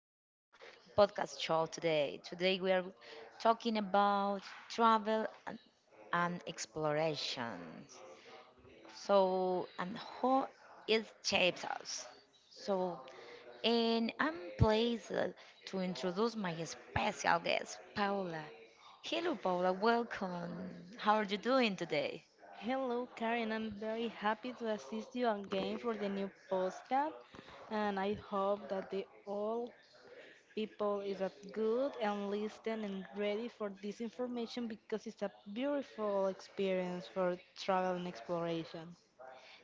show podcast show today. Today we are talking about travel and exploration. So, and How it shapes us. So, and I'm pleased to introduce my special guest, Paula. Hello, Paula. Welcome. How are you doing today? Hello, Karen. I'm very happy to assist you again for the new postcard, and I hope that the all people is at good and listen and ready for this information because it's a beautiful experience for travel and exploration.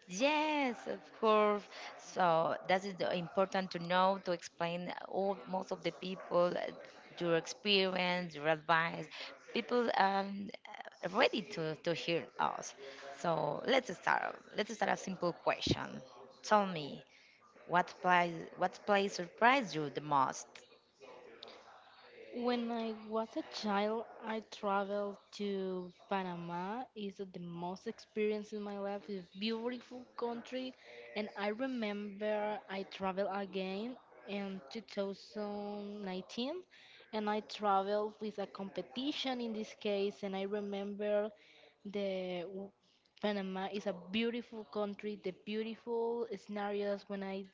Yes, of course. So that is the important to know to explain all most of the people your experience, your advice. People ready to hear us. So let's start. Let's start a simple question. Tell me what place surprised you the most? When I was a child, I traveled to Panama. It's the most experience in my life. It's a beautiful country, and I remember I traveled again in 2019, and I traveled with a competition in this case. And I remember the Panama is a beautiful country, the beautiful scenarios when I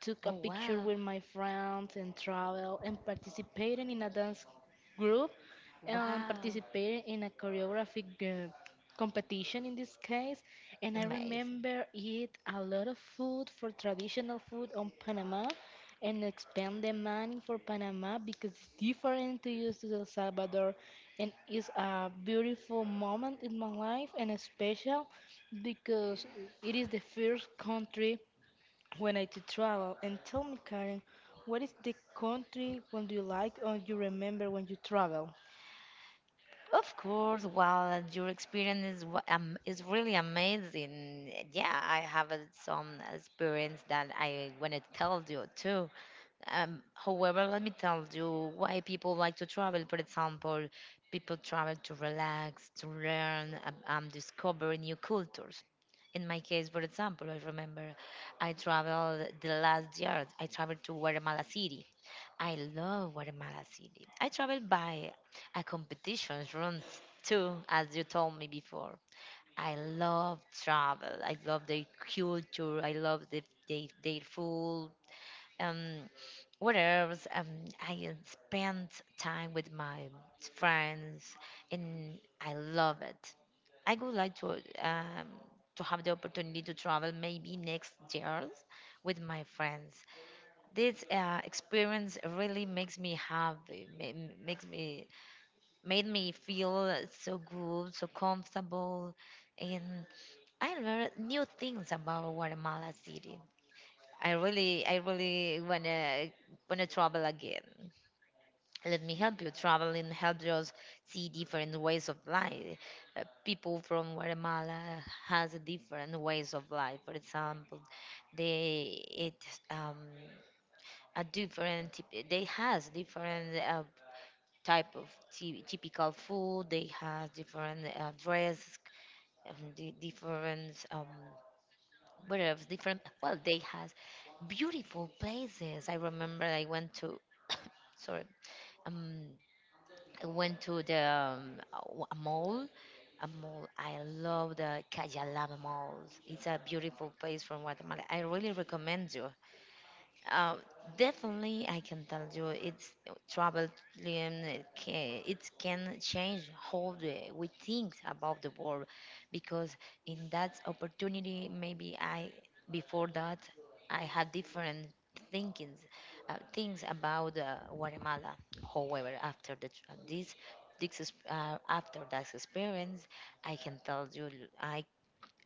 took a Oh picture wow, with my friends and travel and participated in a dance group and wow, participated in a choreographic competition in this case, and I amazing. remember eat a lot of food for traditional food on Panama and expand the money for Panama because it's different to use to El Salvador, and it's a beautiful moment in my life and special because it is the first country when I to travel. And tell me, Karen, what is the country when you like or you remember when you travel? Of course, well, your experience is is really amazing. Yeah, I have some experience that I want to tell you too. However, let me tell you why people like to travel. For example, people travel to relax, to learn, discover new cultures. In my case, for example, I remember I traveled the last year. I traveled to Guatemala City. I love Guatemala City. I traveled by a competitions run too, as you told me before. I love travel. I love their culture. I love their food. Um, what else? I spent time with my friends, and I love it. I would like um, to have the opportunity to travel maybe next year with my friends. This experience really makes me happy. Makes me made me feel so good, so comfortable, and I learned new things about Guatemala City. I really wanna travel again. Let me help you. Traveling helps us see different ways of life. People from Guatemala has different ways of life. For example, they eat. Um, a they has different type of typical food, they has different dress, different, where else, different, well, they has beautiful places. I remember I went to, sorry, um I went to the a mall, a mall. I love the Cayalama malls. It's a beautiful place from Guatemala. I really recommend you. Um, definitely, I can tell you it's traveling. It can change how we think about the world, because in that opportunity, maybe I before that I had different thinkings, things about Guatemala. However, after the, tr- this is- after that experience, I can tell you I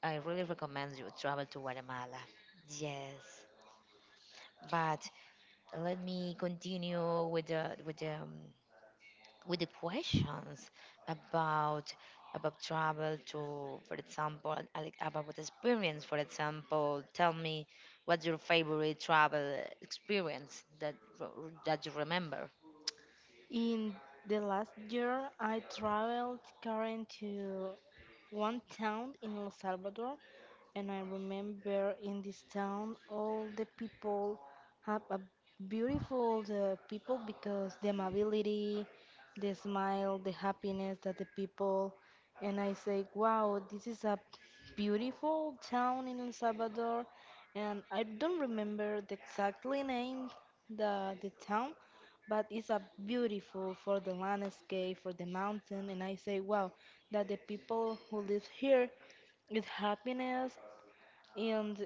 I really recommend you travel to Guatemala. Yes. But let me continue with the with the questions about about travel to for example and, like, about what experience, for example. Tell me what's your favorite travel experience that r- that you remember. In the last year, I traveled, Karen, to one town in El Salvador, and I remember in this town all the people have a beautiful the people because the amability, the smile, the happiness that the people, and I say, wow, this is a beautiful town in El Salvador, and I don't remember the exactly name the town, but it's a beautiful for the landscape, for the mountain, and I say, wow, that the people who live here is happiness, and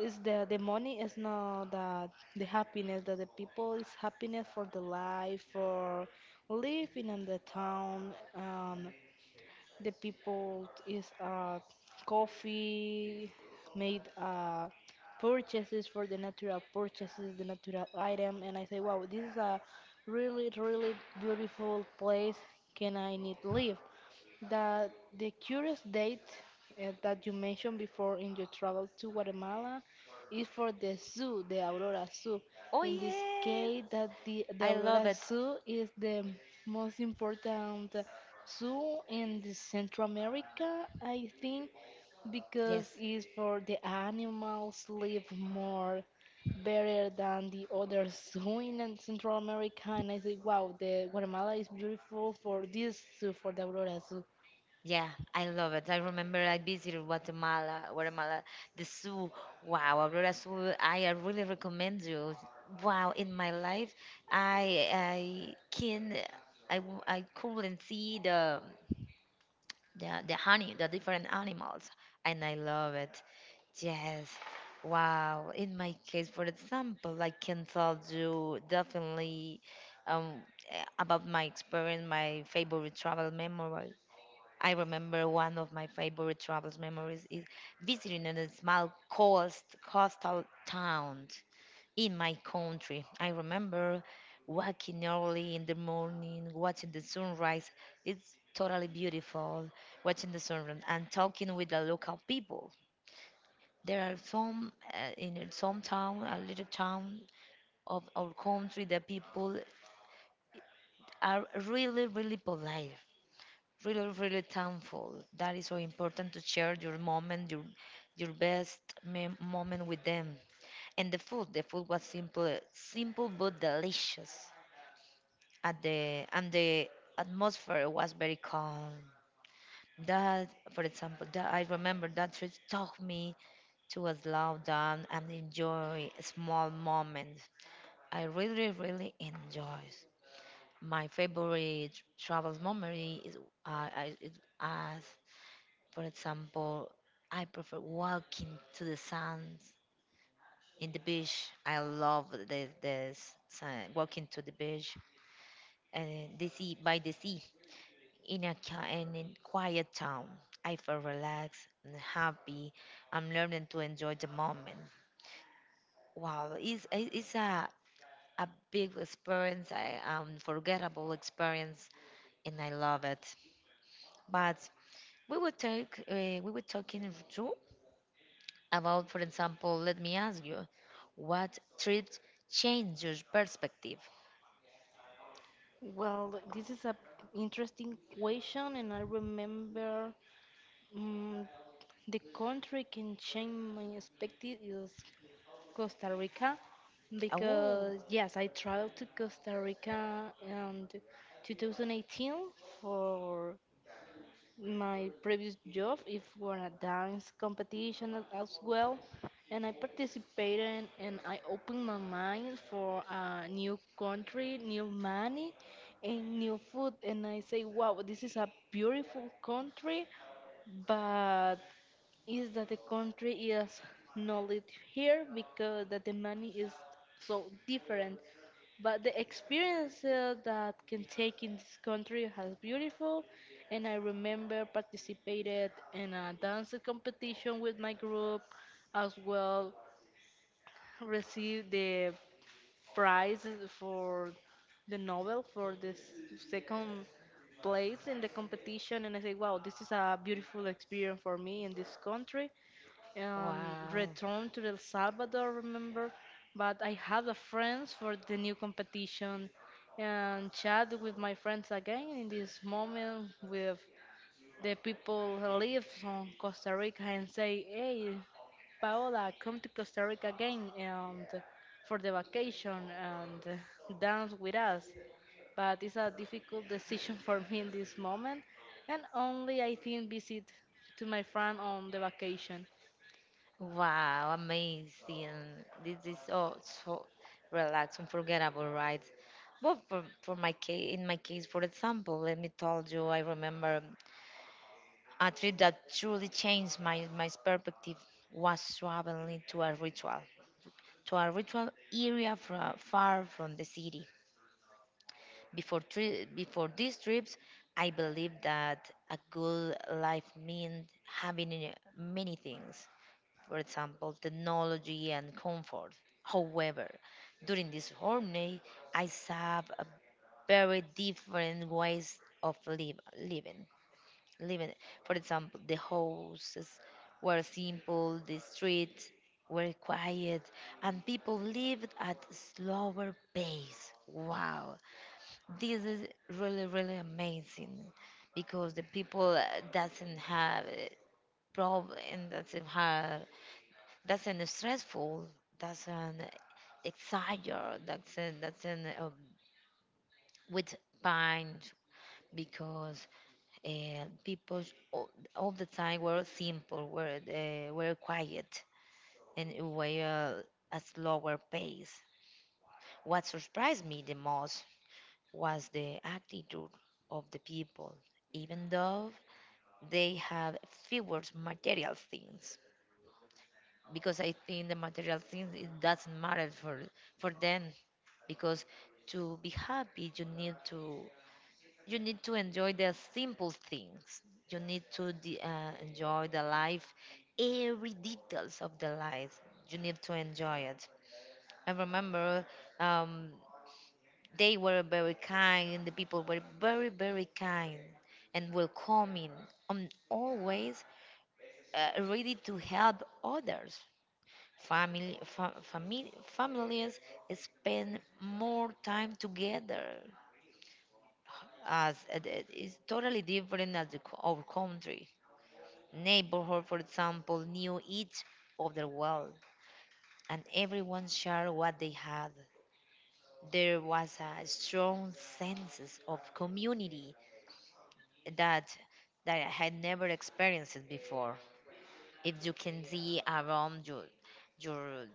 is the money is not that the happiness that the people is happiness for the life for living in the town. The people is coffee, made purchases for the natural purchases, the natural item, and I say, wow, this is a really, really beautiful place. Can I need live? The the curious date that you mentioned before in your travel to Guatemala is for the zoo, the Aurora Zoo. Oh In this yes, case, that the I love Aurora it. Zoo is the most important zoo in the Central America, I think, because Yes, it's for the animals live more better than the other zoo in Central America. And I say, wow, the Guatemala is beautiful for this zoo, for the Aurora Zoo. yeah, I love it. I remember I visited Guatemala, the zoo. Wow, Aurora Zoo, I really recommend you. Wow, in my life, I can I, w- I couldn't see the honey, the different animals, and I love it. Yes. Wow. In my case, for example, I can tell you definitely um, about my experience, my favorite travel memory. I remember one of my favorite travels memories is visiting in a small coastal town in my country. I remember waking early in the morning, watching the sunrise. It's totally beautiful watching the sunrise and talking with the local people. There are some in some town, a little town of our country, the people are really polite, really thankful. That is so important to share your moment, your best moment with them. And the food, the food was simple but delicious. At the And the atmosphere was very calm. That, for example, that I remember, that trip taught me to slow down and enjoy small moments. I really, really enjoy my favorite travel memory. Is I, it, as for example, I prefer walking to the sands in the beach. I love walking to the beach and the sea by the sea in a ca- and in quiet town. I feel relaxed and happy. I'm learning to enjoy the moment. Wow, it's a big experience, a unforgettable experience, and I love it. But we were talk we were talking too about, for example, let me ask you, what trip changed your perspective? Well, this is a interesting question, and I remember mm the country can change my perspective is Costa Rica Oh, because yes, I traveled to Costa Rica in 2018 for my previous job. It was a dance competition as well, and I participated and I opened my mind for a new country, new money, and new food. And I say, wow, this is a beautiful country, but is that the country is not lived here because that the money is so different. But the experience that can take in this country has beautiful, and I remember participated in a dance competition with my group, as well received the prize for the novel for the second place in the competition, and I say, wow, this is a beautiful experience for me in this country, and wow. returned to El Salvador, remember? But I have the friends for the new competition and chat with my friends again in this moment with the people who live on Costa Rica and say, hey, Paola, come to Costa Rica again and for the vacation and dance with us. But it's a difficult decision for me in this moment, and only I think visit to my friend on the vacation. Wow, amazing. This is so, so relaxed, unforgettable, right? But for my case, in my case, for example, let me tell you, I remember a trip that truly changed my perspective was traveling to a ritual area far from the city. Before, before these trips, I believed that a good life meant having many things, for example, technology and comfort. However, during this journey, I saw a very different ways of living. Living, for example, the houses were simple, the streets were quiet, and people lived at a slower pace. Wow! This is really, really amazing because the people doesn't have a problem, doesn't have, doesn't stressful, doesn't exaggerate, doesn't with pain because people all, all the time were simple, were quiet, and were a slower pace. What surprised me the most was the attitude of the people, even though they have fewer material things, because I think the material things it doesn't matter for them. Because to be happy, you need to enjoy the simple things. You need to enjoy the life, every details of the life, you need to enjoy it. I remember um, they were very kind. The people were very, very kind and welcoming, always ready to help others. Family, families spend more time together, as it is totally different as the, our country. Neighborhood, for example, knew each other well, and everyone shared what they had. There was a strong sense of community that, that I had never experienced before. If you can see around your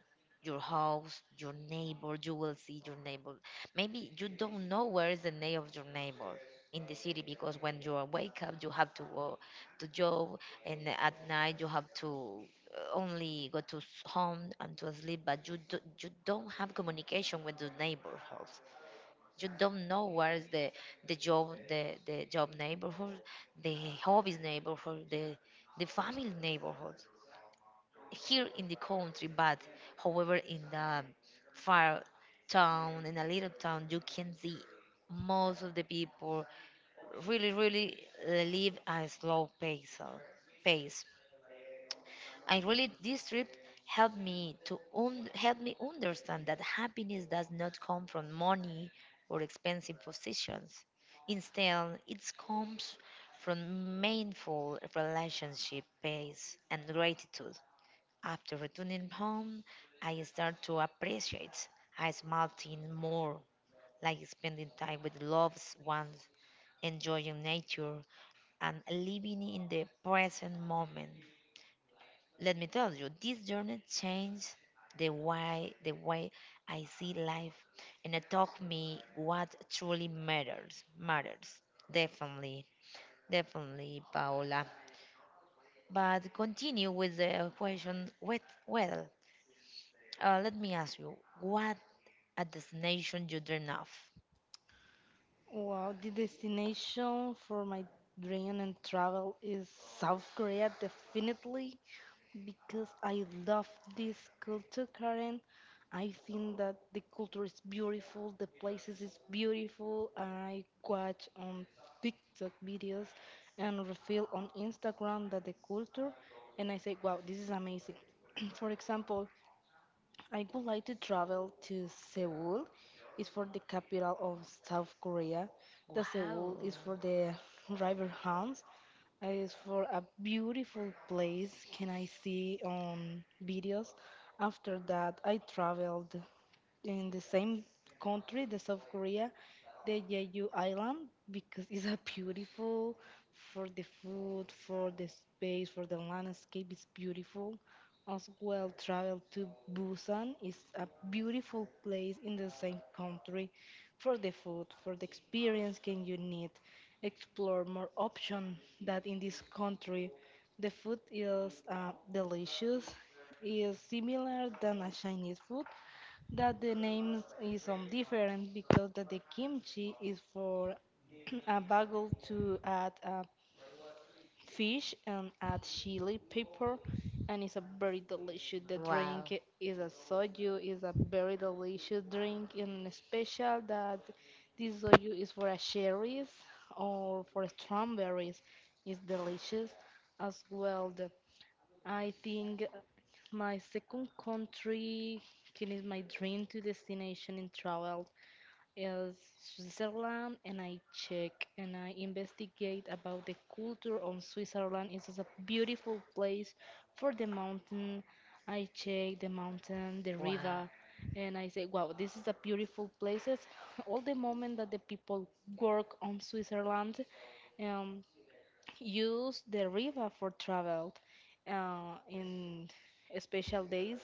your house, your neighbor, you will see your neighbor. Maybe you don't know where is the name of your neighbor in the city, because when you are wake up, you have to go to job, and at night you have to only go to home and to sleep. But you do, you don't have communication with the neighborhood. You don't know where is the job neighborhood, the hobbies neighborhood, the family neighborhood here in the country. But however, in the far town, in a little town, you can see most of the people really, really live a slow pace. Pace. And really, this trip helped me to help me understand that happiness does not come from money or expensive possessions. Instead, it comes from meaningful relationship, peace, and gratitude. After returning home, I start to appreciate a small thing more, like spending time with loved ones, enjoying nature, and living in the present moment. Let me tell you, this journey changed the way I see life, and it taught me what truly matters. Matters definitely, definitely, Paola. But continue with the question. With well, let me ask you, what a destination you dream of. Wow, the destination for my dream and travel is South Korea, definitely, because I love this culture, Karen. I think that the culture is beautiful, the places is beautiful. I watch on TikTok videos and reveal on Instagram that the culture, and I say, wow, this is amazing. For example, I would like to travel to Seoul. It's for the capital of South Korea. The Seoul Wow. is for the river Hans. It's for a beautiful place. Can I see on videos? After that, I traveled in the same country, the South Korea, the Jeju Island, because it's a beautiful for the food, for the space, for the landscape. It's beautiful as well traveled to Busan is a beautiful place in the same country for the food, for the experience can you need explore more option that in this country the food is delicious is similar than a Chinese food that the names is some different because that the kimchi is for a bagel to add fish and add chili pepper, and it's a very delicious. The Wow. drink is a soju is a very delicious drink and special that this soju is for a cherries or for strawberries. It's delicious as well. The, I think my second country can is my dream to destination in travel is Switzerland, and I check and I investigate about the culture on Switzerland. It is a beautiful place for the mountain. I check the mountain, the Wow. river, and I say, wow, this is a beautiful places. All the moment that the people work on Switzerland, um, use the river for travel. In special days,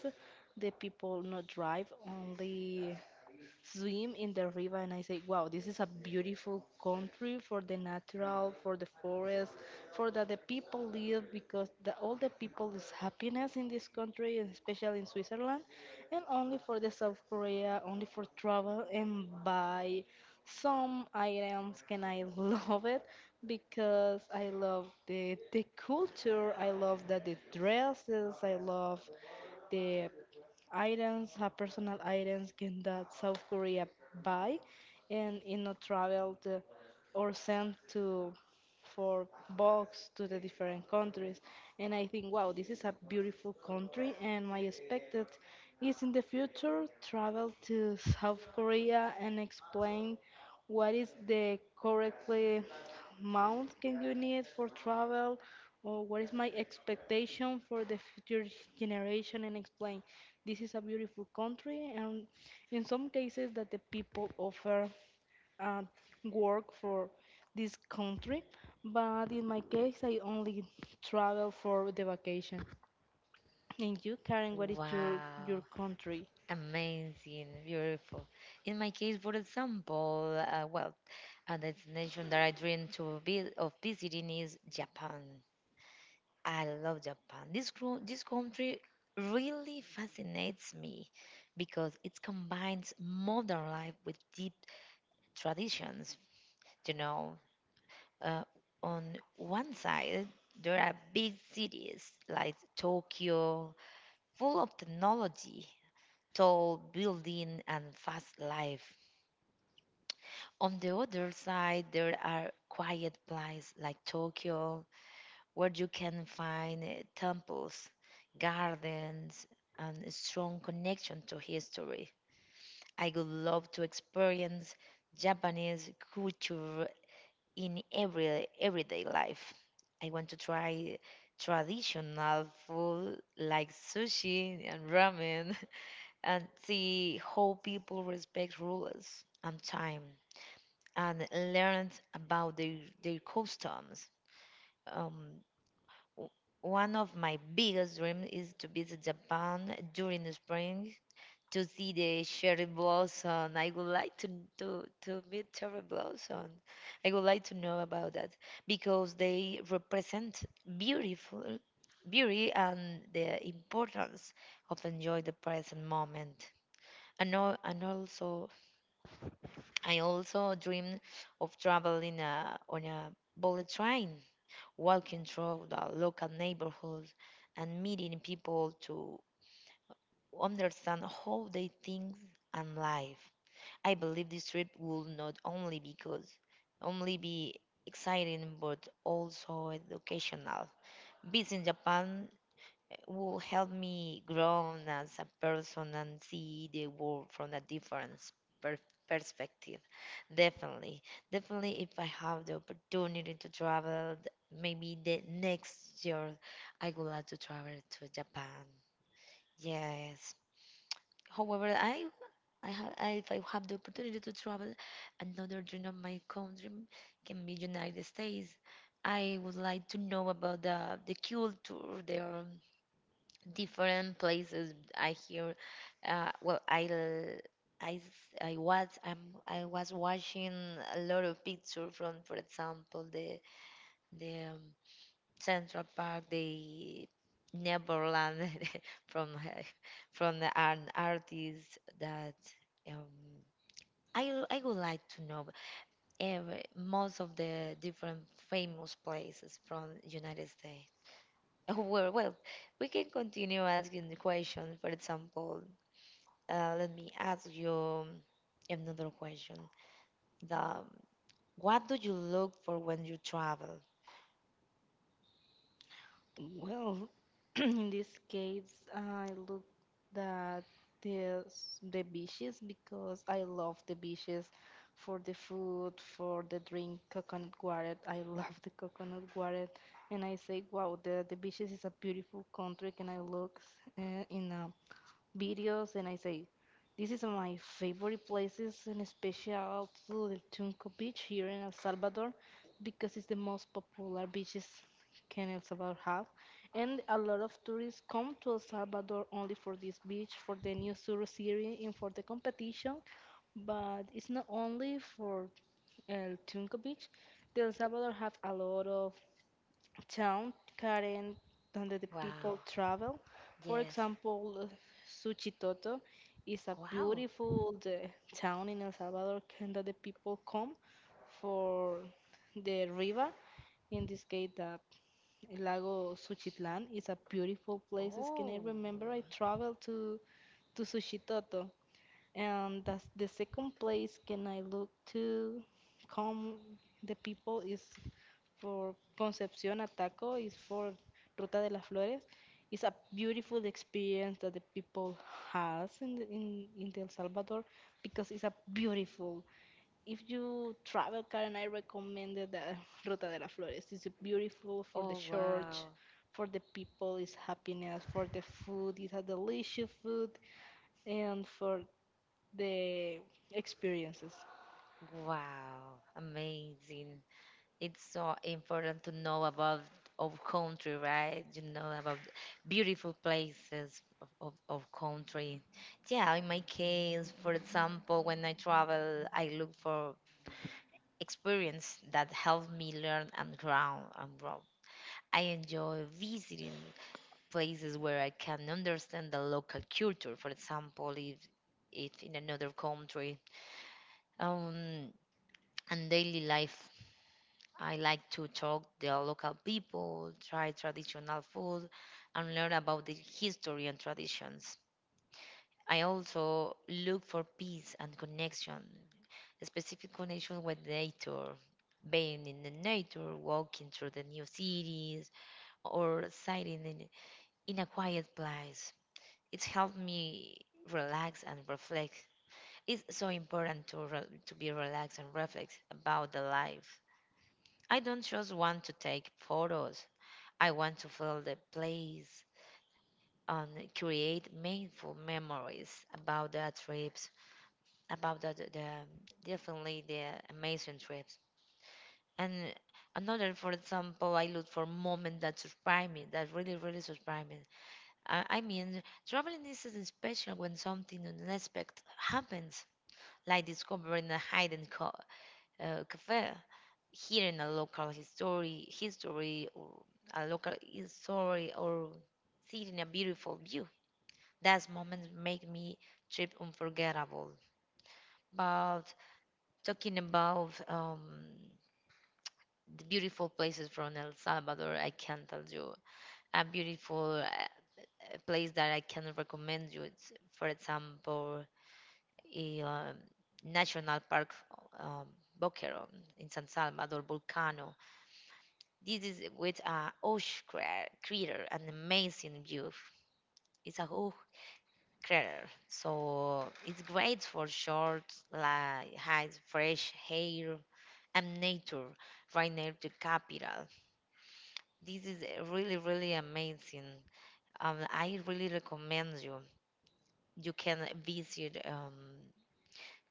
the people not drive only swim in the river, and I say, wow, this is a beautiful country for the natural, for the forest, for that the people live because the, all the people is happiness in this country and especially in Switzerland and only for the South Korea, only for travel and buy some items can I love it because I love the culture, I love that the dresses, I love the items, personal items can that South Korea buy, and you know traveled or sent to for box to the different countries, and I think, wow, this is a beautiful country, and my expected is in the future travel to South Korea and explain what is the correctly amount can you need for travel or what is my expectation for the future generation and explain this is a beautiful country, and in some cases, that the people offer uh, work for this country. But in my case, I only travel for the vacation. And you, Karen, what is your Wow. country? Amazing. Beautiful. In my case, for example, well, a destination that I dream to be of visiting is Japan. I love Japan. This this country really fascinates me because it combines modern life with deep traditions. You know, Uh, on one side, there are big cities like Tokyo, full of technology, tall building, and fast life. On the other side, there are quiet places like Tokyo, where you can find temples, gardens, and a strong connection to history. I would love to experience Japanese culture in everyday life. I want to try traditional food like sushi and ramen and see how people respect rules and time and learn about their customs. Um, w- one of my biggest dreams is to visit Japan during the spring to see the cherry blossom. I would like to meet cherry blossom. I would like to know about that because they represent beautiful beauty and the importance of enjoy the present moment. And also, I also dream of traveling on a bullet train, walking through the local neighborhood and meeting people to understand how they think and live. I believe this trip will not only because only be exciting but also educational. Visiting Japan will help me grow as a person and see the world from a different per- perspective. Definitely, definitely, if I have the opportunity to travel, maybe the next year I would like to travel to Japan. Yes. However, if I have the opportunity to travel, another dream of my country can be United States. I would like to know about the culture, their different places. I hear, well, I l- I s- I was I'm, I was watching a lot of pictures from, for example, the Central Park, the Neverland from uh, from an artist that. Um, I would like to know every, most of the different famous places from United States. Well, well, we can continue asking the question. For example, let me ask you another question. The what do you look for when you travel? Well, in this case, I look that the the beaches because I love the beaches for the food, for the drink, coconut water. I love the coconut water, and I say, wow, the beaches is a beautiful country. Can I look in a videos, and I say, this is my favorite places and especially also the Tunco Beach here in El Salvador because it's the most popular beaches can El Salvador have. And a lot of tourists come to El Salvador only for this beach, for the new Suru series and for the competition. But it's not only for El Tunco Beach. The El Salvador have a lot of town current donde the people Wow. travel. For Yes. example, Suchitoto is a Wow. beautiful the town in El Salvador that the people come for the river. In this case, the Lago Suchitlan is a beautiful place. Can I Oh. remember I traveled to Suchitoto, and that's the second place can I look to come the people is for Concepción Ataco is for Ruta de las Flores. It's a beautiful experience that the people has in the, in El Salvador because it's a beautiful. If you travel, Karen, I recommend the Ruta de las Flores. It's beautiful for the Oh church, wow. for the people, it's happiness, for the food, it's a delicious food, and for the experiences. Wow. Amazing. It's so important to know about our country, right? You know about beautiful places of, of country. Yeah, in my case, for example, when I travel, I look for experience that help me learn and grow. I enjoy visiting places where I can understand the local culture. For example, if in another country, um, and daily life I like to talk the local people, try traditional food, and learn about the history and traditions. I also look for peace and connection, a specific connection with nature, being in the nature, walking through the new cities, or sitting in a quiet place. It's helped me relax and reflect. It's so important to, to be relaxed and reflect about the life. I don't just want to take photos. I want to fill the place and create meaningful memories about the trips, about the definitely the amazing trips. And another, for example, I look for moments that surprise me, that really, really surprise me. I mean, traveling is special when something unexpected happens, like discovering a hidden cafe hearing a local history, history or a local history or seeing a beautiful view. Those moments make me trip unforgettable. But talking about the beautiful places from El Salvador, I can tell you a beautiful place that I can recommend you. It's, for example, a national park, um, Boquerón in San Salvador, Volcano. This is with a huge crater, an amazing view. It's a huge crater, so it's great for short, like high, fresh air and nature right near the capital. This is really, really amazing. I really recommend you. You can visit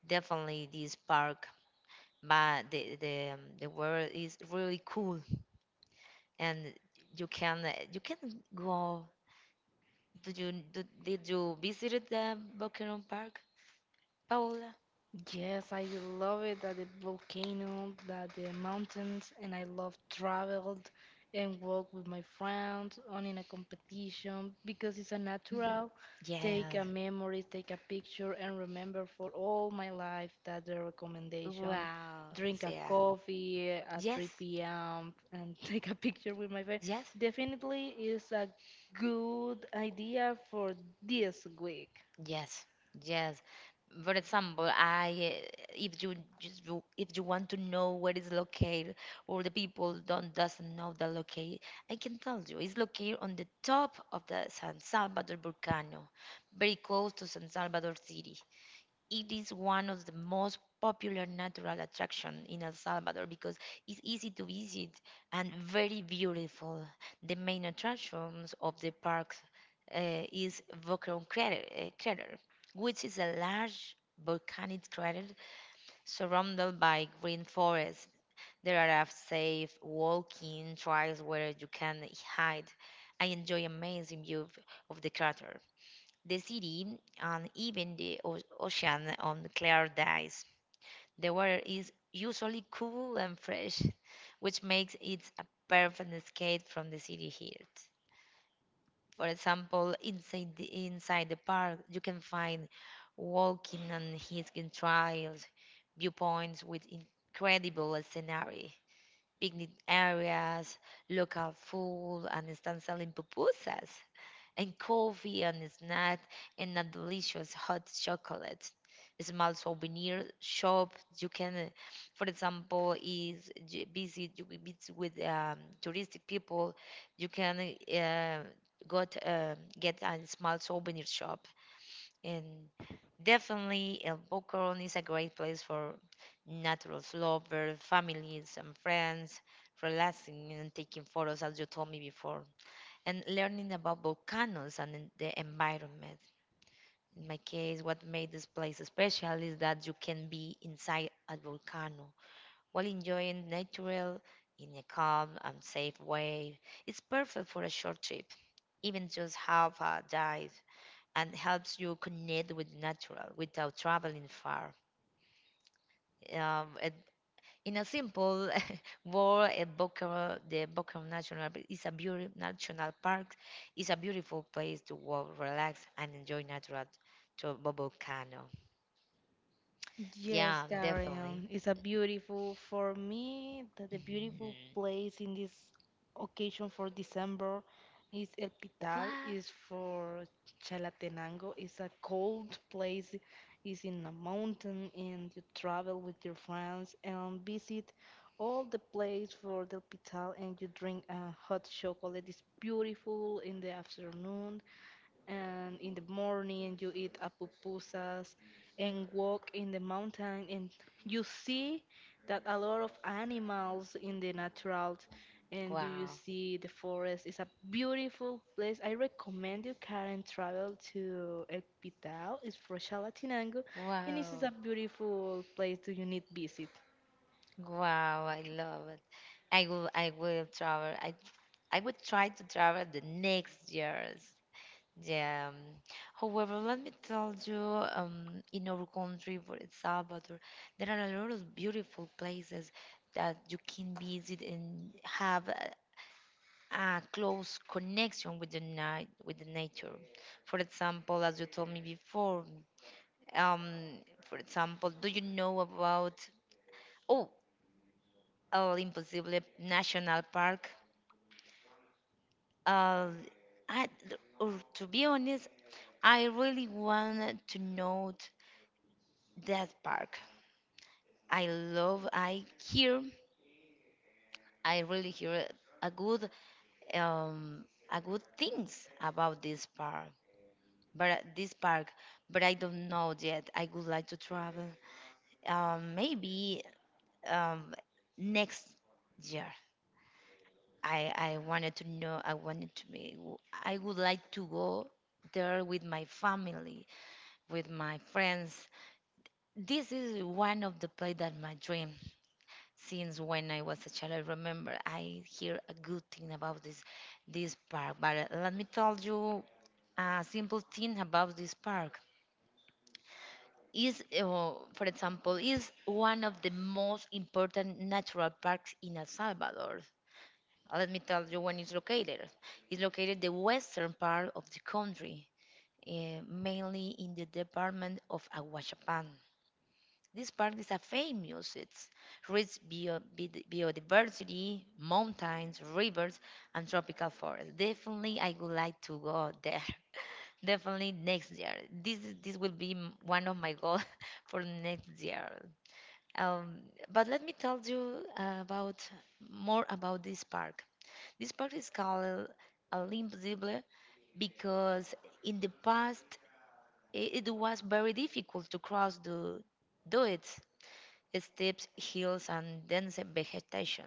definitely this park, but the weather is really cool and you can go. Did you do, did you visit the Buchanan Park, Paola? Yes, I love it that the volcano, that the mountains, and I love traveled and walk with my friends on in a competition because it's a Mhm. natural. Take a Yes. memory, take a picture, and remember for all my life that the recommendation. Wow. Drink a Yeah. coffee at Yes. 3 p.m. and take a picture with my friend. Yes. Definitely is a good idea for this week. Yes. Yes. For example, I if you just if you want to know where is located or the people don't doesn't know the locate, I can tell you it's located on the top of the San Salvador volcano, very close to San Salvador City. It is one of the most popular natural attraction in El Salvador because it's easy to visit and very beautiful. The main attractions of the park is Volcano crater, which is a large volcanic crater surrounded by green forest. There are safe walking trails where you can hide. I enjoy amazing view of the crater the city, and even the ocean on clear days. The water is usually cool and fresh, which makes it a perfect escape from the city heat. For example, inside the park, you can find walking and hiking trails, viewpoints with incredible scenery, picnic areas, local food, and stand selling pupusas and coffee and snack and a delicious hot chocolate. A small souvenir shop you can, for example, is busy you will meet with touristic people. You can uh, go to, get a small souvenir shop and definitely El Bocoron is a great place for natural lovers, families and friends, relaxing and taking photos as you told me before and learning about volcanoes and the environment. In my case, what made this place special is that you can be inside a volcano while enjoying natural in a calm and safe way. It's perfect for a short trip, even just half a dive, and helps you connect with natural without traveling far. It In a simple word, the Boca National Park is a beautiful national park. It's a beautiful place to walk, relax, and enjoy natural to volcano. Yes, Yeah, definitely. Karen. It's a beautiful for me that the beautiful Mhm. place in this occasion for December is El Pital, What? is for Chalatenango. It's a cold place, is in a mountain, and you travel with your friends and visit all the place for El Pital, and you drink a hot chocolate. It's beautiful in the afternoon, and in the morning you eat apupusas and walk in the mountain, and you see that a lot of animals in the natural, and do you Wow! see the forest? It's a beautiful place. I recommend you, Karen, travel to El Pitao. It's from Chalatenango, and this is Wow! a beautiful place that you need visit. Wow! I love it. I will. I will travel. I would try to travel the next years. Yeah. However, let me tell you, in our country, for El Salvador, there are a lot of beautiful places that you can visit and have a close connection with the night, with the nature. For example, as you told me before, um, for example, do you know about oh, El Imposible National Park? Uh, I, or to be honest, I really wanted to know that park. I love. I hear. I really hear a good, um, a good things about this park. But this park, but I don't know yet. I would like to travel. Maybe um, next year. I wanted to know. I wanted to be. I would like to go there with my family, with my friends. This is one of the place that my dream. Since when I was a child. I remember I hear a good thing about this park, but let me tell you a simple thing about this park. Is for example, is one of the most important natural parks in El Salvador. Let me tell you when it's located. It's located the western part of the country, mainly in the department of Aguachapan. These parks are famous. It's rich biodiversity, mountains, rivers, and tropical forests. Definitely, I would like to go there. Definitely next year. This will be one of my goals for next year. Um, but let me tell you about more about this park. This park is called Alimzible because in the past it was very difficult to cross the do it steps, hills, and dense vegetation.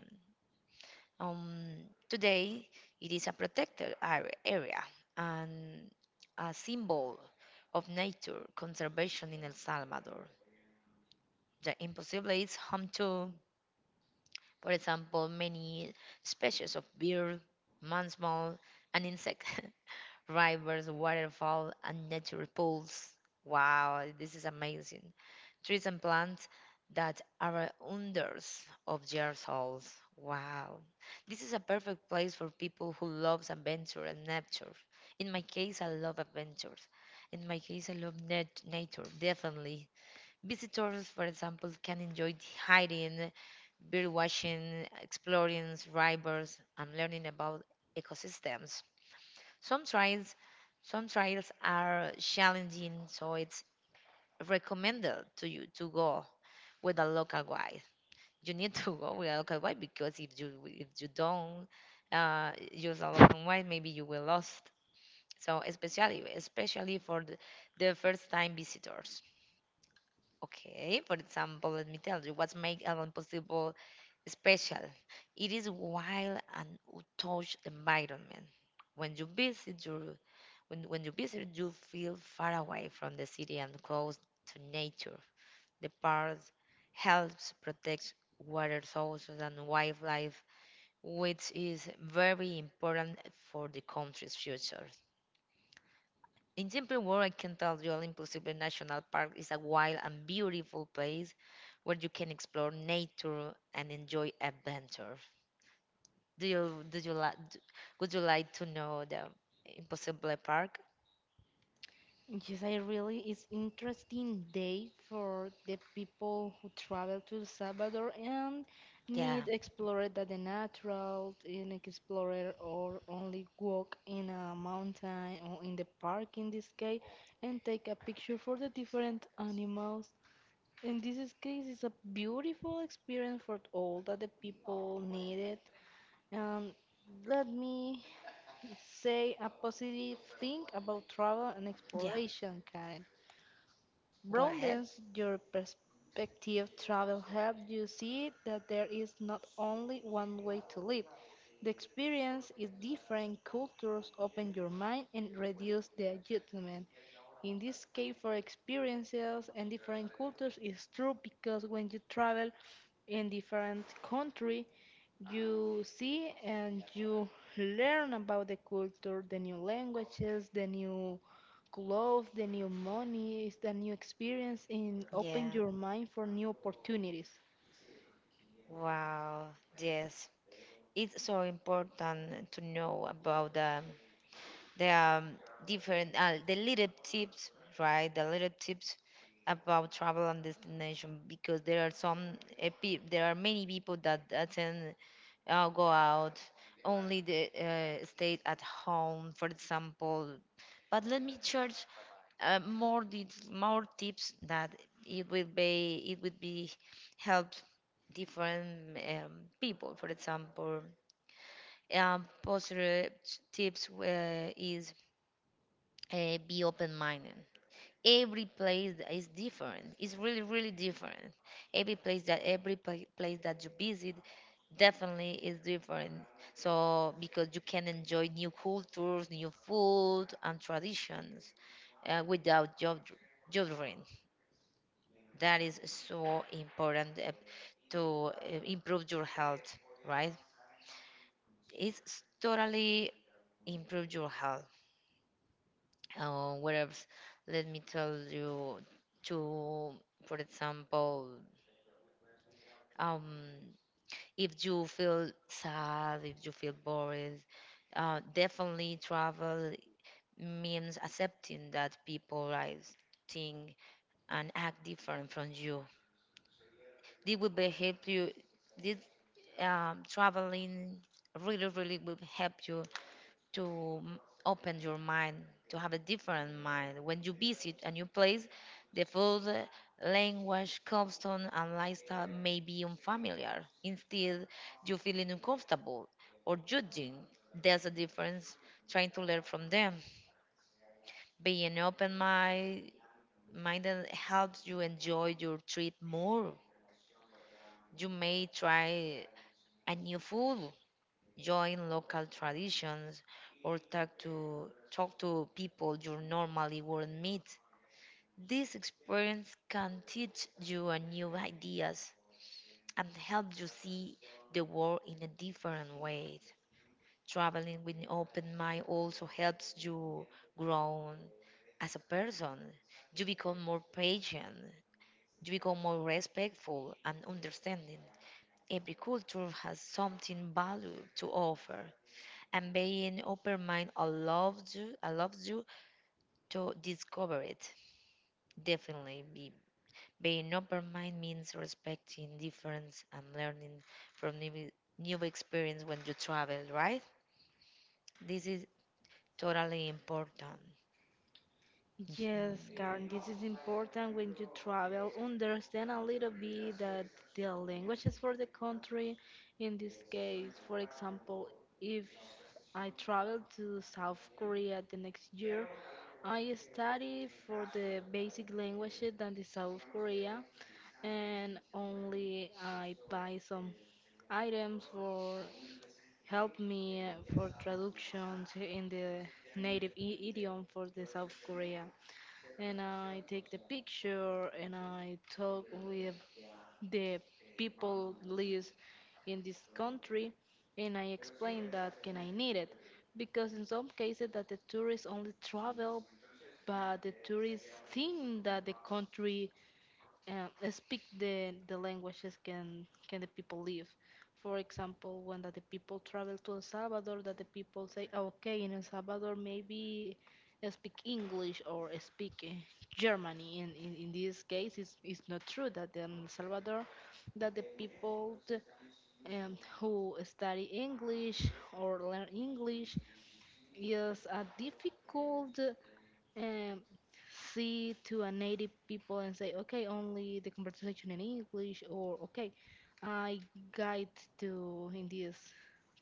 Today, it is a protected area and a symbol of nature conservation in El Salvador. The Imposible is home to, for example, many species of bird, mammals, and insect, rivers, waterfall, and nature pools. Wow, this is amazing. Trees and plants that are wonders of their souls. Wow. This is a perfect place for people who loves adventure and nature. In my case, I love adventures. In my case, I love nature, definitely. Visitors, for example, can enjoy hiding, bird watching, exploring rivers, and learning about ecosystems. Some trails, some trails are challenging, so it's recommended to you to go with a local guide. You need to go with a local guide because if you don't use a local guide, maybe you will lost. So especially for the first time visitors. Okay, for example, let me tell you what makes El Impossible special. It is wild and untouched environment. When you visit your when you visit, you feel far away from the city and close to nature. The park helps protect water sources and wildlife, which is very important for the country's future. In simple words, I can tell you Olympus City National Park is a wild and beautiful place where you can explore nature and enjoy adventure. Do you like, would you like to know the Impossible Park? Yes, I really it's interesting day for the people who travel to El Salvador and Yeah, need explore that the natural and explore or only walk in a mountain or in the park in this case and take a picture for the different animals. In this case, it's a beautiful experience for all that the people needed. And let me say a positive thing about travel and yeah, exploration, Karen. go ahead. Broadens your perspective. Travel helps you see that there is not only one way to live. The experience is different. Cultures open your mind and reduce the judgment. In this case, for experiences and different cultures, is true because when you travel in different country, you see and you learn about the culture, the new languages, the new clothes, the new money, the new experience, and Yeah, open your mind for new opportunities. wow, yes. It's so important to know about the different the little tips, right? The little tips about travel and destination because there are some there are many people that attend go out only the stay at home for example but let me charge more more tips that it will be it would be help different people for example positive tips is be open-minded. Every place that is different. It's really, really different. Every place that you visit definitely is different. So because you can enjoy new cultures, new food, and traditions without judging. That is so important to improve your health, right? It's totally improve your health. What else? Let me tell you to, for example, um, if you feel sad, if you feel bored, definitely travel means accepting that people like think and act different from you. This will be help you. This traveling really, really will help you to open your mind, to have a different mind. When you visit a new place, the food, language, custom, and lifestyle may be unfamiliar. Instead, you feeling uncomfortable or judging. There's a difference trying to learn from them. Being open mind minded helps you enjoy your treat more. You may try a new food join local traditions, or talk to people you normally wouldn't meet. This experience can teach you a new ideas and help you see the world in a different way. Traveling with an open mind also helps you grow as a person. You become more patient, you become more respectful and understanding. Every culture has something valuable to offer, and being open mind allows you to discover it. Definitely, being open mind means respecting difference and learning from new experience when you travel, right? This is totally important. Yes, Mhm. Karen, this is important when you travel. Understand a little bit that the language is for the country. In this case, for example, if I travel to South Korea the next year, I study for the basic languages than the South Korea, and only I buy some items for help me for traductions in the native idiom for the South Korea, and I take the picture and I talk with the people lives in this country and I explain that can I need it because in some cases that the tourists only travel, but the tourists think that the country speak the languages can the people live. For example, when that the people travel to El Salvador, that the people say, okay, in El Salvador maybe I speak English or I speak Germany. In this case, it's not true that in El Salvador, that the people who study English or learn English. Yes, a difficult um, see to a native people and say, okay, only the conversation in English, or okay, I guide to in this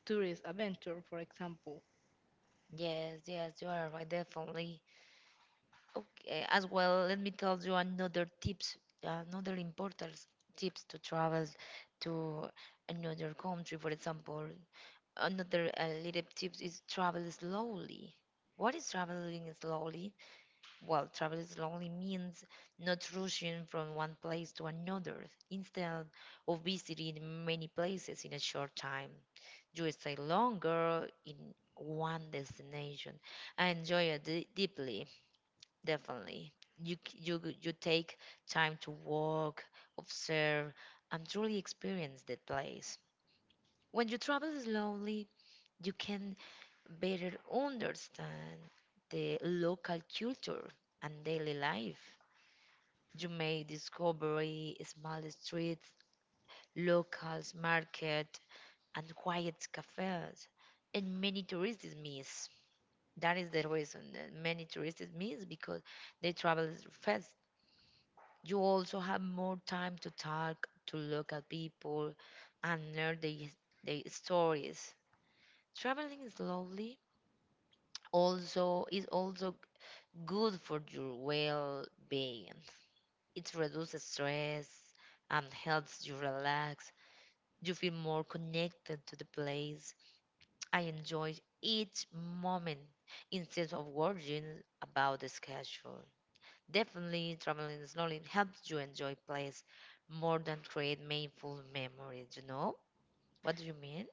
tourist adventure, for example. Yes, yes, you are right, definitely. Okay, as well, let me tell you another tips, another important tips to travel to another country, for example. Another little tip is travel slowly. What is traveling slowly? Well, travel slowly means not rushing from one place to another. Instead of visiting many places in a short time, you stay longer in one destination. I enjoy it deeply, definitely. You take time to walk, observe, and truly experience the place. When you travel slowly, you can better understand the local culture and daily life. You may discover small streets, local market, and quiet cafes, and many tourists miss. That is the reason that many tourists miss because they travel fast. You also have more time to talk to local people and learn their stories. Traveling slowly also is also good for your well being. It reduces stress and helps you relax. You feel more connected to the place. I enjoy each moment instead of worrying about the schedule. Definitely, traveling slowly helps you enjoy place more than create painful memories, you know? What do you mean?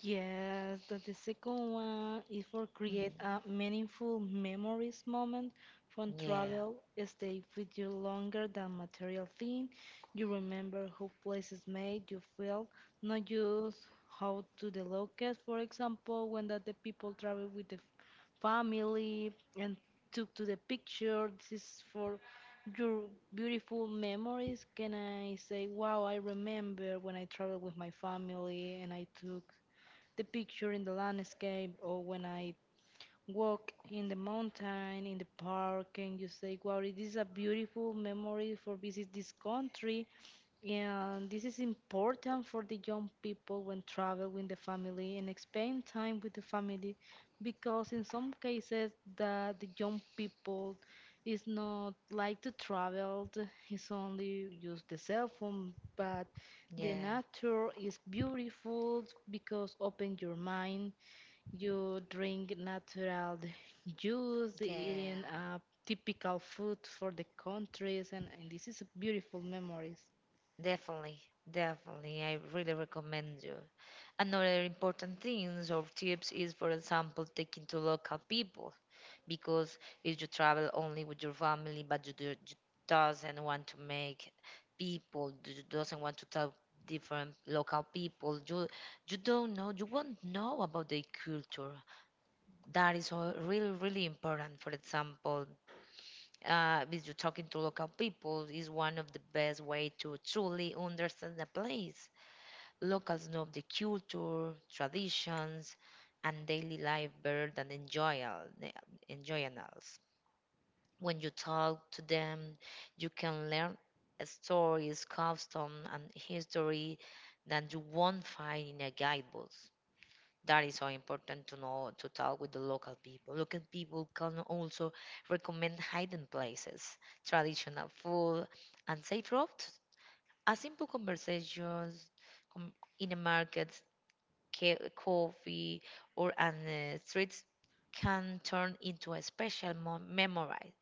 Yes, that the second one is for create Mhm. a meaningful memories moment from Yeah, travel. Stay with you longer than material thing. You remember how places made you feel, not just how to the locals. For example, when that the people travel with the family and took to the picture. This is for your beautiful memories. Can I say, wow, I remember when I traveled with my family and I took the picture in the landscape, or when I walk in the mountain, in the park, and you say, wow, it is a beautiful memory for visit this country. Yeah, this is important for the young people when travel with the family and spend time with the family because in some cases the young people is not like to travel, it's only use the cell phone, but the yeah, nature is beautiful because open your mind, you drink natural juice, eating yeah. Typical food for the countries and this is beautiful memories. Definitely, definitely. I really recommend you. Another important things or tips is, for example, taking to local people because if you travel only with your family, but you doesn't want to make people, you doesn't want to talk different local people, you don't know, you won't know about their culture. That is all really really important. For example, with you talking to local people is one of the best way to truly understand the place. Locals know the culture, traditions, and daily life better than enjoyals. When you talk to them, you can learn stories, customs, and history that you won't find in a guidebook. That is so important to know to talk with the local people. Local people can also recommend hidden places, traditional food, and safe routes. A simple conversations com- in a market, coffee, or on the streets can turn into a special memory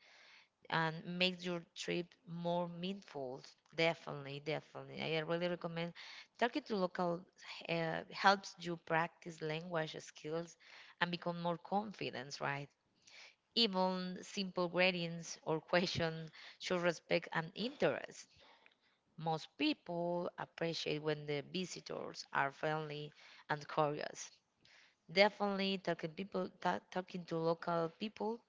and makes your trip more meaningful. Definitely, definitely. I really recommend talking to local helps you practice language skills and become more confident, right? Even simple greetings or questions should respect and interest. Most people appreciate when the visitors are friendly and curious. Definitely, talking people, talking to local people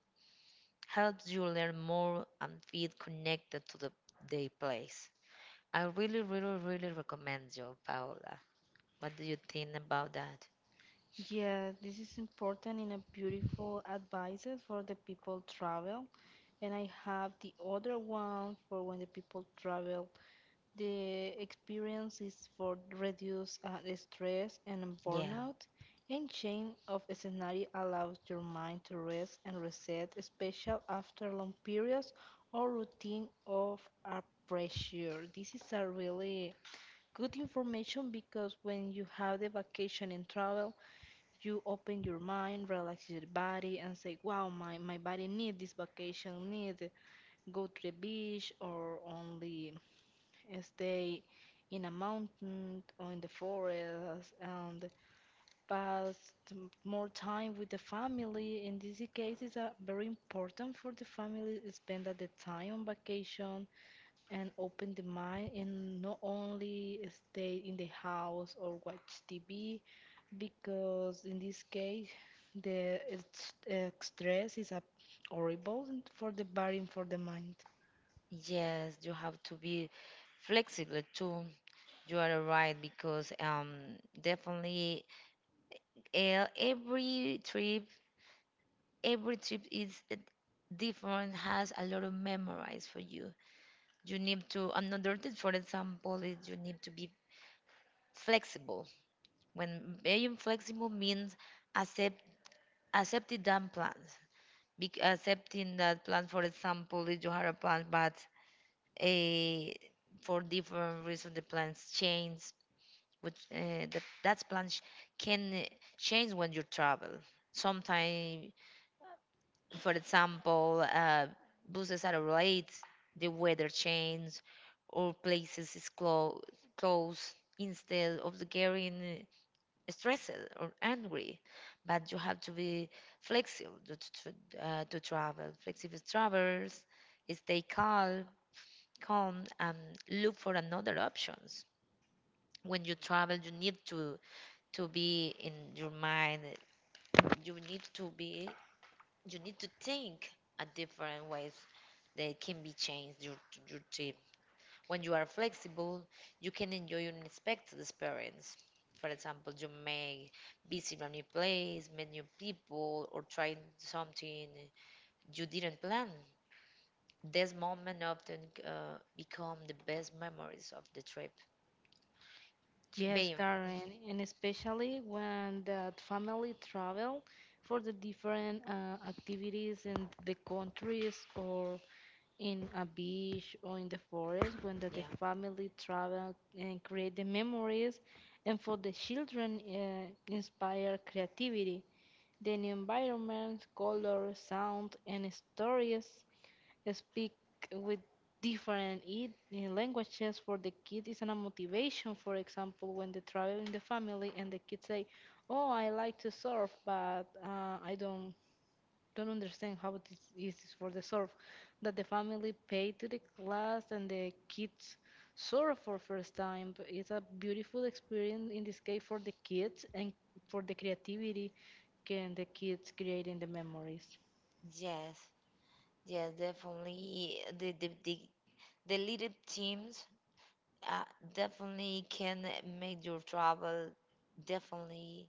helps you learn more and feel connected to the place. I really, really, really recommend you, Paola. What do you think about that? Yeah, this is important in a beautiful advices for the people travel. And I have the other one for when the people travel. The experience is for reduce the stress and Yeah, burnout. And change of scenario allows your mind to rest and reset, especially after long periods or routine of a pressure. This is a really good information because when you have the vacation and travel, you open your mind, relax your body, and say, "Wow, my body need this vacation, need go to the beach or only stay in a mountain or in the forest and pass more time with the family." In this case, it's very important for the family to spend at the time on vacation and open the mind and not only stay in the house or watch TV because in this case the stress is a horrible for the body and for the mind. yes, you have to be flexible too. You are right because definitely uh, every trip, every trip is different, has a lot of memories for you. You need to another thing, for example, is you need to be flexible. When being flexible means accept accepting that plan, accepting that plan. For example, if you had a plan, but eh, for different reasons the plans change. Which that plan can change when you travel. Sometimes, for example, buses are late, the weather change, or places is closed. Close instead of the getting stressed or angry, but you have to be flexible to travel. Flexible travelers stay calm, calm, and look for another options. When you travel, you need to be in your mind. You need to be. You need to think a different ways. That can be changed your trip. When you are flexible, you can enjoy unexpected experience. For example, you may visit a new place, meet new people, or try something you didn't plan. This moment often become the best memories of the trip. Yes, Being, Karen, and especially when the family travel for the different activities in the countries or in a beach or in the forest when the yeah, family travel and create the memories and for the children inspire creativity the environment color sound and stories speak with different languages for the kid is a motivation. For example, when they travel in the family and the kids say, oh, I like to surf, but I don't understand how this is for the surf that the family paid to the class and the kids surf for first time. But it's a beautiful experience in this case for the kids and for the creativity can the kids create in the memories. yes, yes, definitely. The little teams uh, definitely can make your travel definitely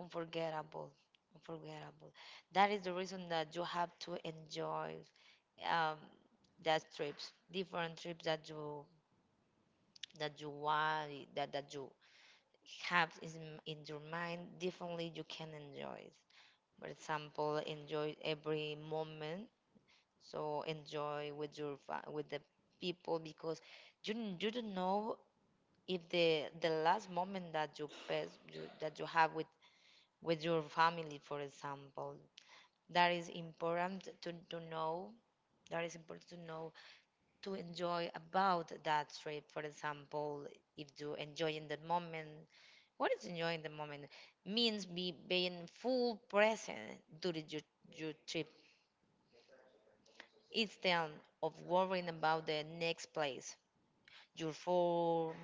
unforgettable unforgettable. That is the reason that you have to enjoy um, that trips different trips that you want that you have is in your mind differently. You can enjoy it. For example, enjoy every moment. So enjoy with the people because you don't know if the last moment that you have with your family, for example. That is important to know. That is important to know to enjoy about that trip. For example, if you enjoy in that moment, what is enjoying the moment means be being full present during your trip instead of worrying about the next place, your form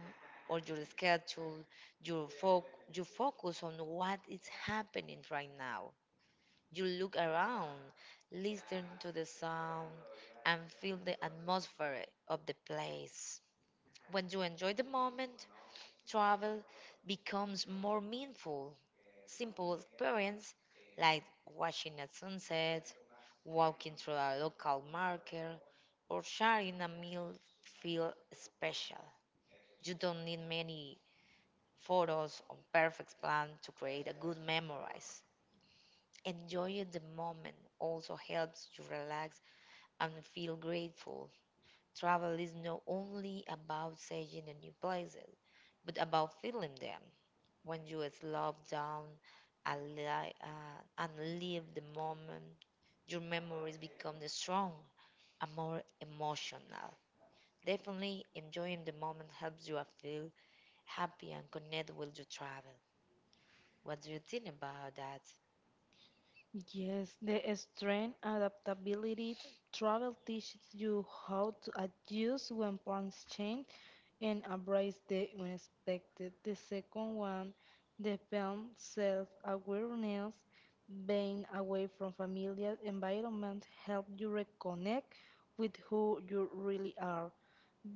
or your schedule, your, fo- you focus on what is happening right now. You look around, listen to the sound, and feel the atmosphere of the place. When you enjoy the moment, travel becomes more meaningful. Simple experience like watching a sunset, walking through a local market, or sharing a meal feel special. You don't need many photos or perfect plan to create a good memories. Enjoying the moment also helps you relax and feel grateful. Travel is not only about seeing the new places, but about feeling them. When you slow down and live the moment, your memories become strong and more emotional. Definitely enjoying the moment helps you feel happy and connect with your travel. What do you think about that? Yes, the strength adaptability travel teaches you how to adjust when plans change and embrace the unexpected. The second one, the film self-awareness, being away from familiar environment help you reconnect with who you really are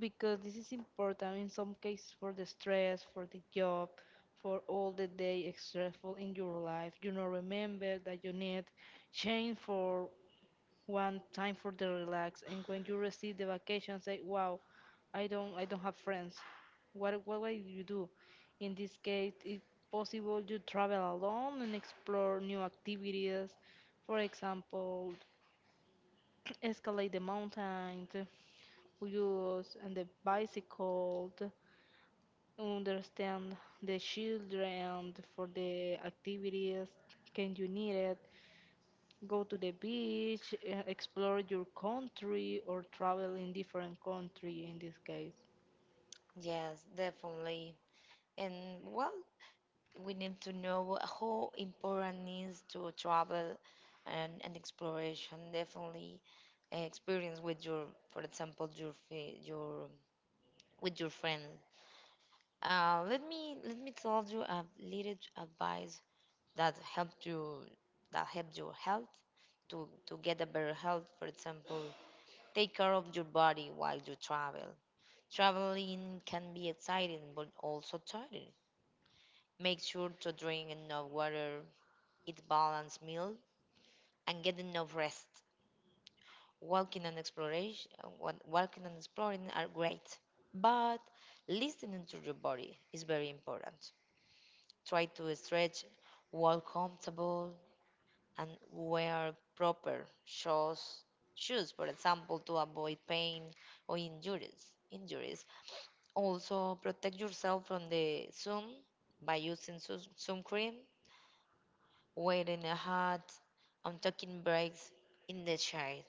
because this is important in some cases for the stress, for the job, for all the day stressful in your life. You know, remember that you need change for one time for the relax. And when you receive the vacation, say, "Wow, I don't have friends. What will you do?" In this case, it's possible you travel alone and explore new activities. For example, escalate the mountain, use and the bicycle understand the children for the activities can you need it, go to the beach, explore your country or travel in different country in this case. Yes, definitely. And well, we need to know how important it is to travel and exploration. Definitely, experience with your, for example, your with your friend. Let me tell you a little advice that helped your health to get a better health. For example, take care of your body while you travel. Traveling can be exciting but also tiring. Make sure to drink enough water, eat balanced meal, and get enough rest. Walking and exploration, walking and exploring are great, but listening to your body is very important. Try to stretch, walk comfortable, and wear proper shoes. Shoes, for example, to avoid pain or injuries. Injuries. Also, protect yourself from the sun by using sun cream, wearing a hat, and taking breaks in the shade.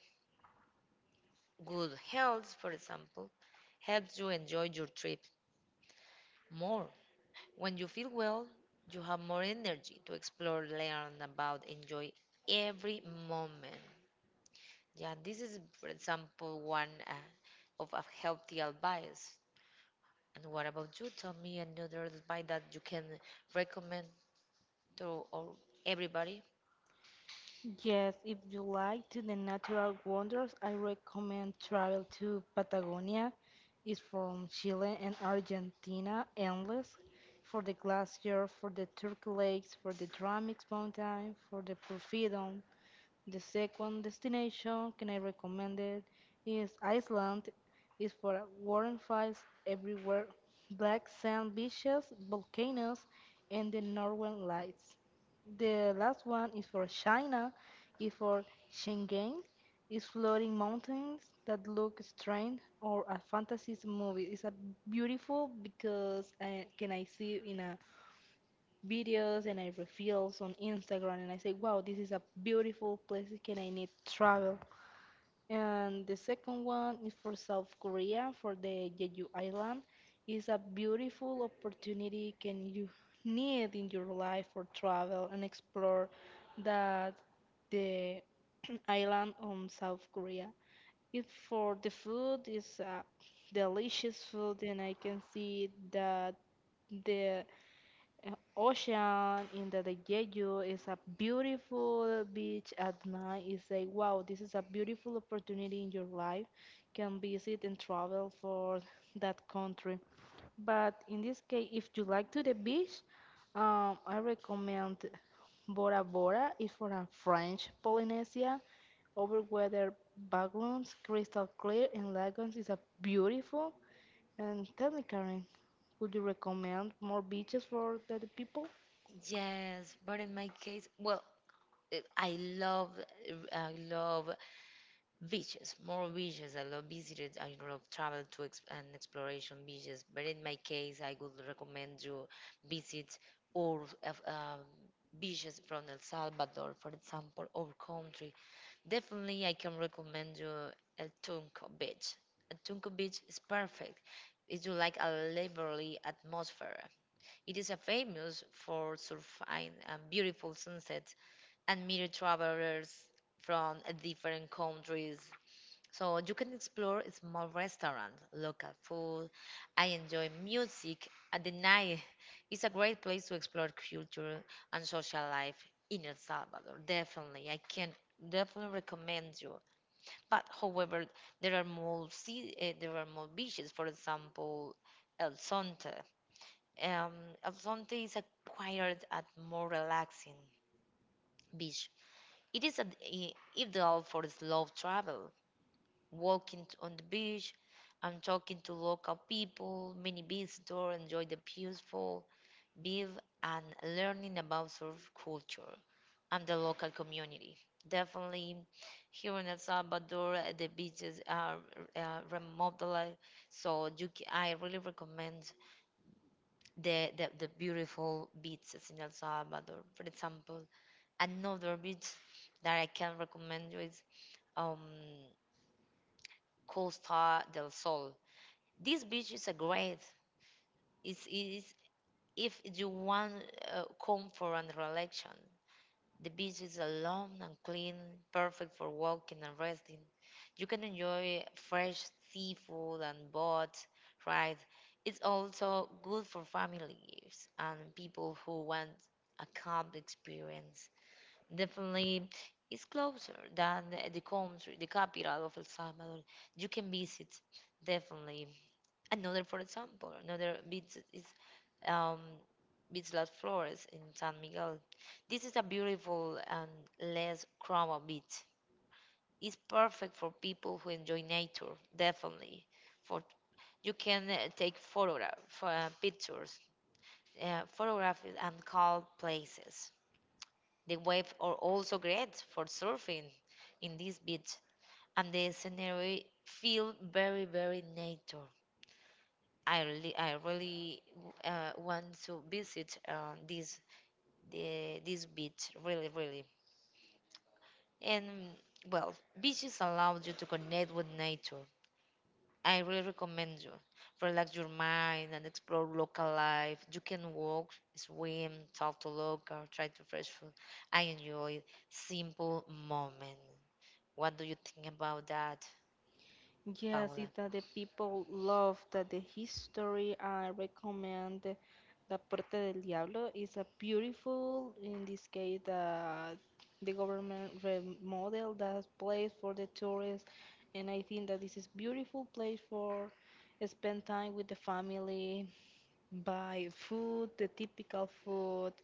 Good health, for example, helps you enjoy your trip more. When you feel well, you have more energy to explore, learn about, enjoy every moment. Yeah, this is, for example, one of a healthy advice. And what about you? Tell me another advice that you can recommend to all, everybody. Yes, if you like to the natural wonders, I recommend travel to Patagonia. It's from Chile and Argentina, endless. For the glacier, for the Turk Lakes, for the Dramix Mountain, for the Porfirion. The second destination can I recommend it is Iceland. Is for warm fires everywhere, black sand beaches, volcanoes, and the northern lights. The last one is for China. Is for Shenzhen. Is floating mountains that look strange or a fantasy movie. It's a beautiful because I, can I see in a videos and I reveals on Instagram and I say, wow, this is a beautiful place. Can I need travel? And the second one is for South Korea for the Jeju Island. It's a beautiful opportunity can you need in your life for travel and explore that the island on South Korea. It for the food is delicious food and I can see that the uh, ocean in the de Jeju is a beautiful beach at night. It's like wow, this is a beautiful opportunity in your life. Can visit and travel for that country. But in this case, if you like to the beach, I recommend Bora Bora. It's for a French Polynesia. Over weather backgrounds, crystal clear, and lagoons is a beautiful. And tell me, Karen, would you recommend more beaches for the people? Yes, but in my case, well, eh, I love I love beaches, more beaches. I love visited. I love travel to ex and exploration beaches. But in my case, I would recommend you visit all of beaches from El Salvador, for example, our country. Definitely, I can recommend you El Tunco Beach. El Tunco Beach is perfect. It's like a lively atmosphere. It is a famous for surfing and beautiful sunsets and meet travelers from different countries. So you can explore small restaurants, local food. I enjoy music at the night. It's a great place to explore culture and social life in El Salvador. Definitely, I can definitely recommend you. But however, there are more beaches. For example, El Sonte. Um, Alfonte is a quieter and more relaxing beach. It is ideal for slow travel, walking on the beach and talking to local people, many visitors enjoy the peaceful view and learning about surf culture and the local community. Definitely, here in El Salvador, the beaches are remodeled, so I really recommend the beautiful beaches in El Salvador. For example, another beach that I can recommend you is um, Costa del Sol. This beach is a great. It's if you want comfort and relaxation. The beach is alone and clean, perfect for walking and resting. You can enjoy fresh seafood and boat rides. It's also good for families and people who want a calm experience. Definitely, it's closer than the country, the capital of El Salvador. You can visit, definitely. Another, for example, another beach is um, Beach Las Flores in San Miguel. This is a beautiful and less crowded beach. It's perfect for people who enjoy nature, definitely. For you can take photograph, pictures, photograph it and calm places. The waves are also great for surfing in this beach, and the scenery feel very, very nature. I really want to visit this this beach, really, really. And well, beaches allow you to connect with nature. I really recommend you. Relax your mind and explore local life. You can walk, swim, talk to local, try to fresh food. I enjoy simple moment. What do you think about that, Yes, Paula? it's that the people love that the history. I recommend La Puerta del Diablo. It's a beautiful, in this case, the government remodel that place for the tourists, and I think that this is beautiful place for spend time with the family, buy food, the typical food,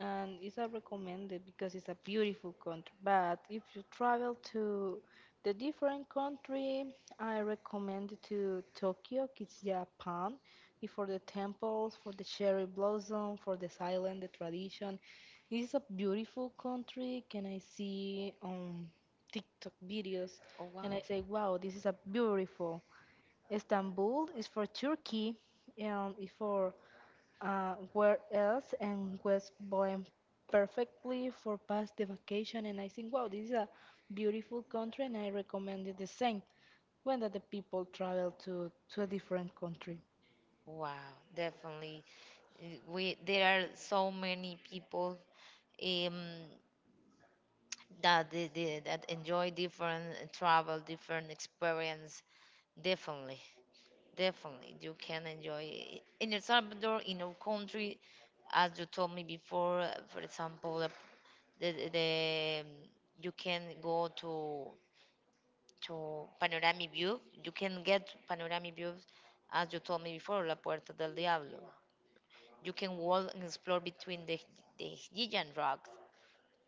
and it's a recommended because it's a beautiful country. But if you travel to the different country, I recommend to Tokyo, it's Japan, for the temples, for the cherry blossom, for the silent, the tradition. This is a beautiful country. Can I see on TikTok videos? Oh And I wow. say, wow, this is a beautiful. Istanbul is for Turkey and is for where else and West Bohem perfectly for past the vacation and I think wow this is a beautiful country and I recommend it the same when that the people travel to a different country. Wow, definitely. We There are so many people. Um, that enjoy different travel, different experience. Definitely, definitely, you can enjoy in El Salvador, in our country, as you told me before. For example, the, the the, um, you can go to panoramic view. You can get panoramic views, as you told me before, La Puerta del Diablo. You can walk and explore between the giant rocks.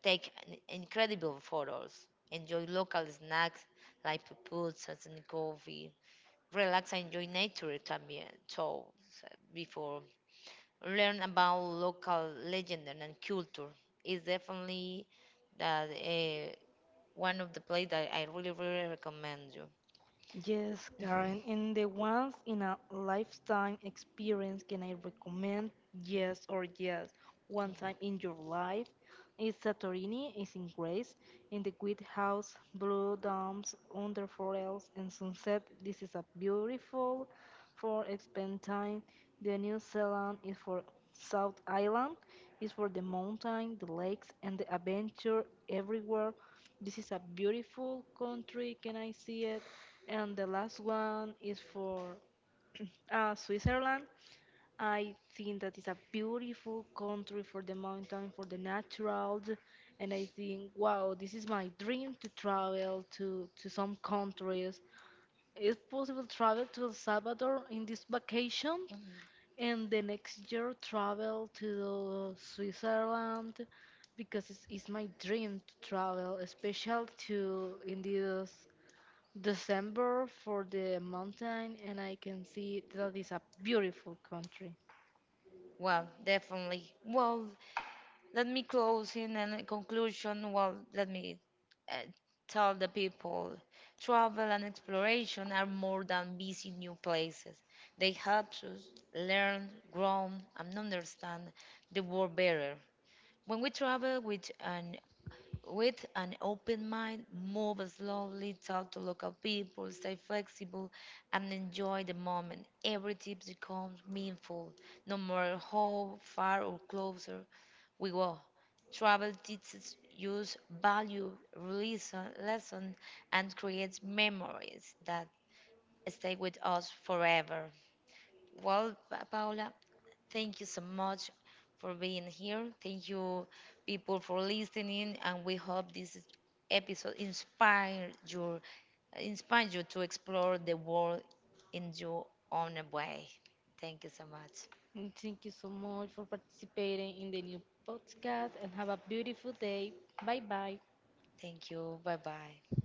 Take an incredible photos. Enjoy local snacks like pupusas and coffee. Relax and enjoy nature también. So, before learn about local legend and culture is definitely that one of the place that I really really recommend you. Yes, Karen, Mhm. in the once in a lifetime experience, can I recommend yes or yes? One time in your life, it's Santorini, it's in Greece, in the Great House, blue domes under forest and sunset. This is a beautiful for spend time. The New Zealand is for South Island, is for the mountain, the lakes, and the adventure everywhere. This is a beautiful country. Can I see it? And the last one is for Switzerland. I think that is a beautiful country for the mountain, for the naturals, and I think, wow, this is my dream to travel to some countries. It's possible travel to El Salvador in this vacation, Mhm. and the next year travel to Switzerland because it's my dream to travel, especially to in this December for the mountain, and I can see that is a beautiful country. Well, definitely. Well, let me close in a conclusion. Well, let me uh, tell the people travel and exploration are more than busy new places. They help us learn, grow, and understand the world better. When we travel with an open mind, move slowly, talk to local people, stay flexible, and enjoy the moment. Every tip becomes meaningful, no matter how far or closer we go. Travel teaches us value, reason, lesson, and creates memories that stay with us forever. Well, Paula, thank you so much for being here. Thank you, people, for listening, and we hope this episode inspired you to explore the world in your own way. Thank you so much. And thank you so much for participating in the new podcast and have a beautiful day. Bye bye. Thank you. Bye bye.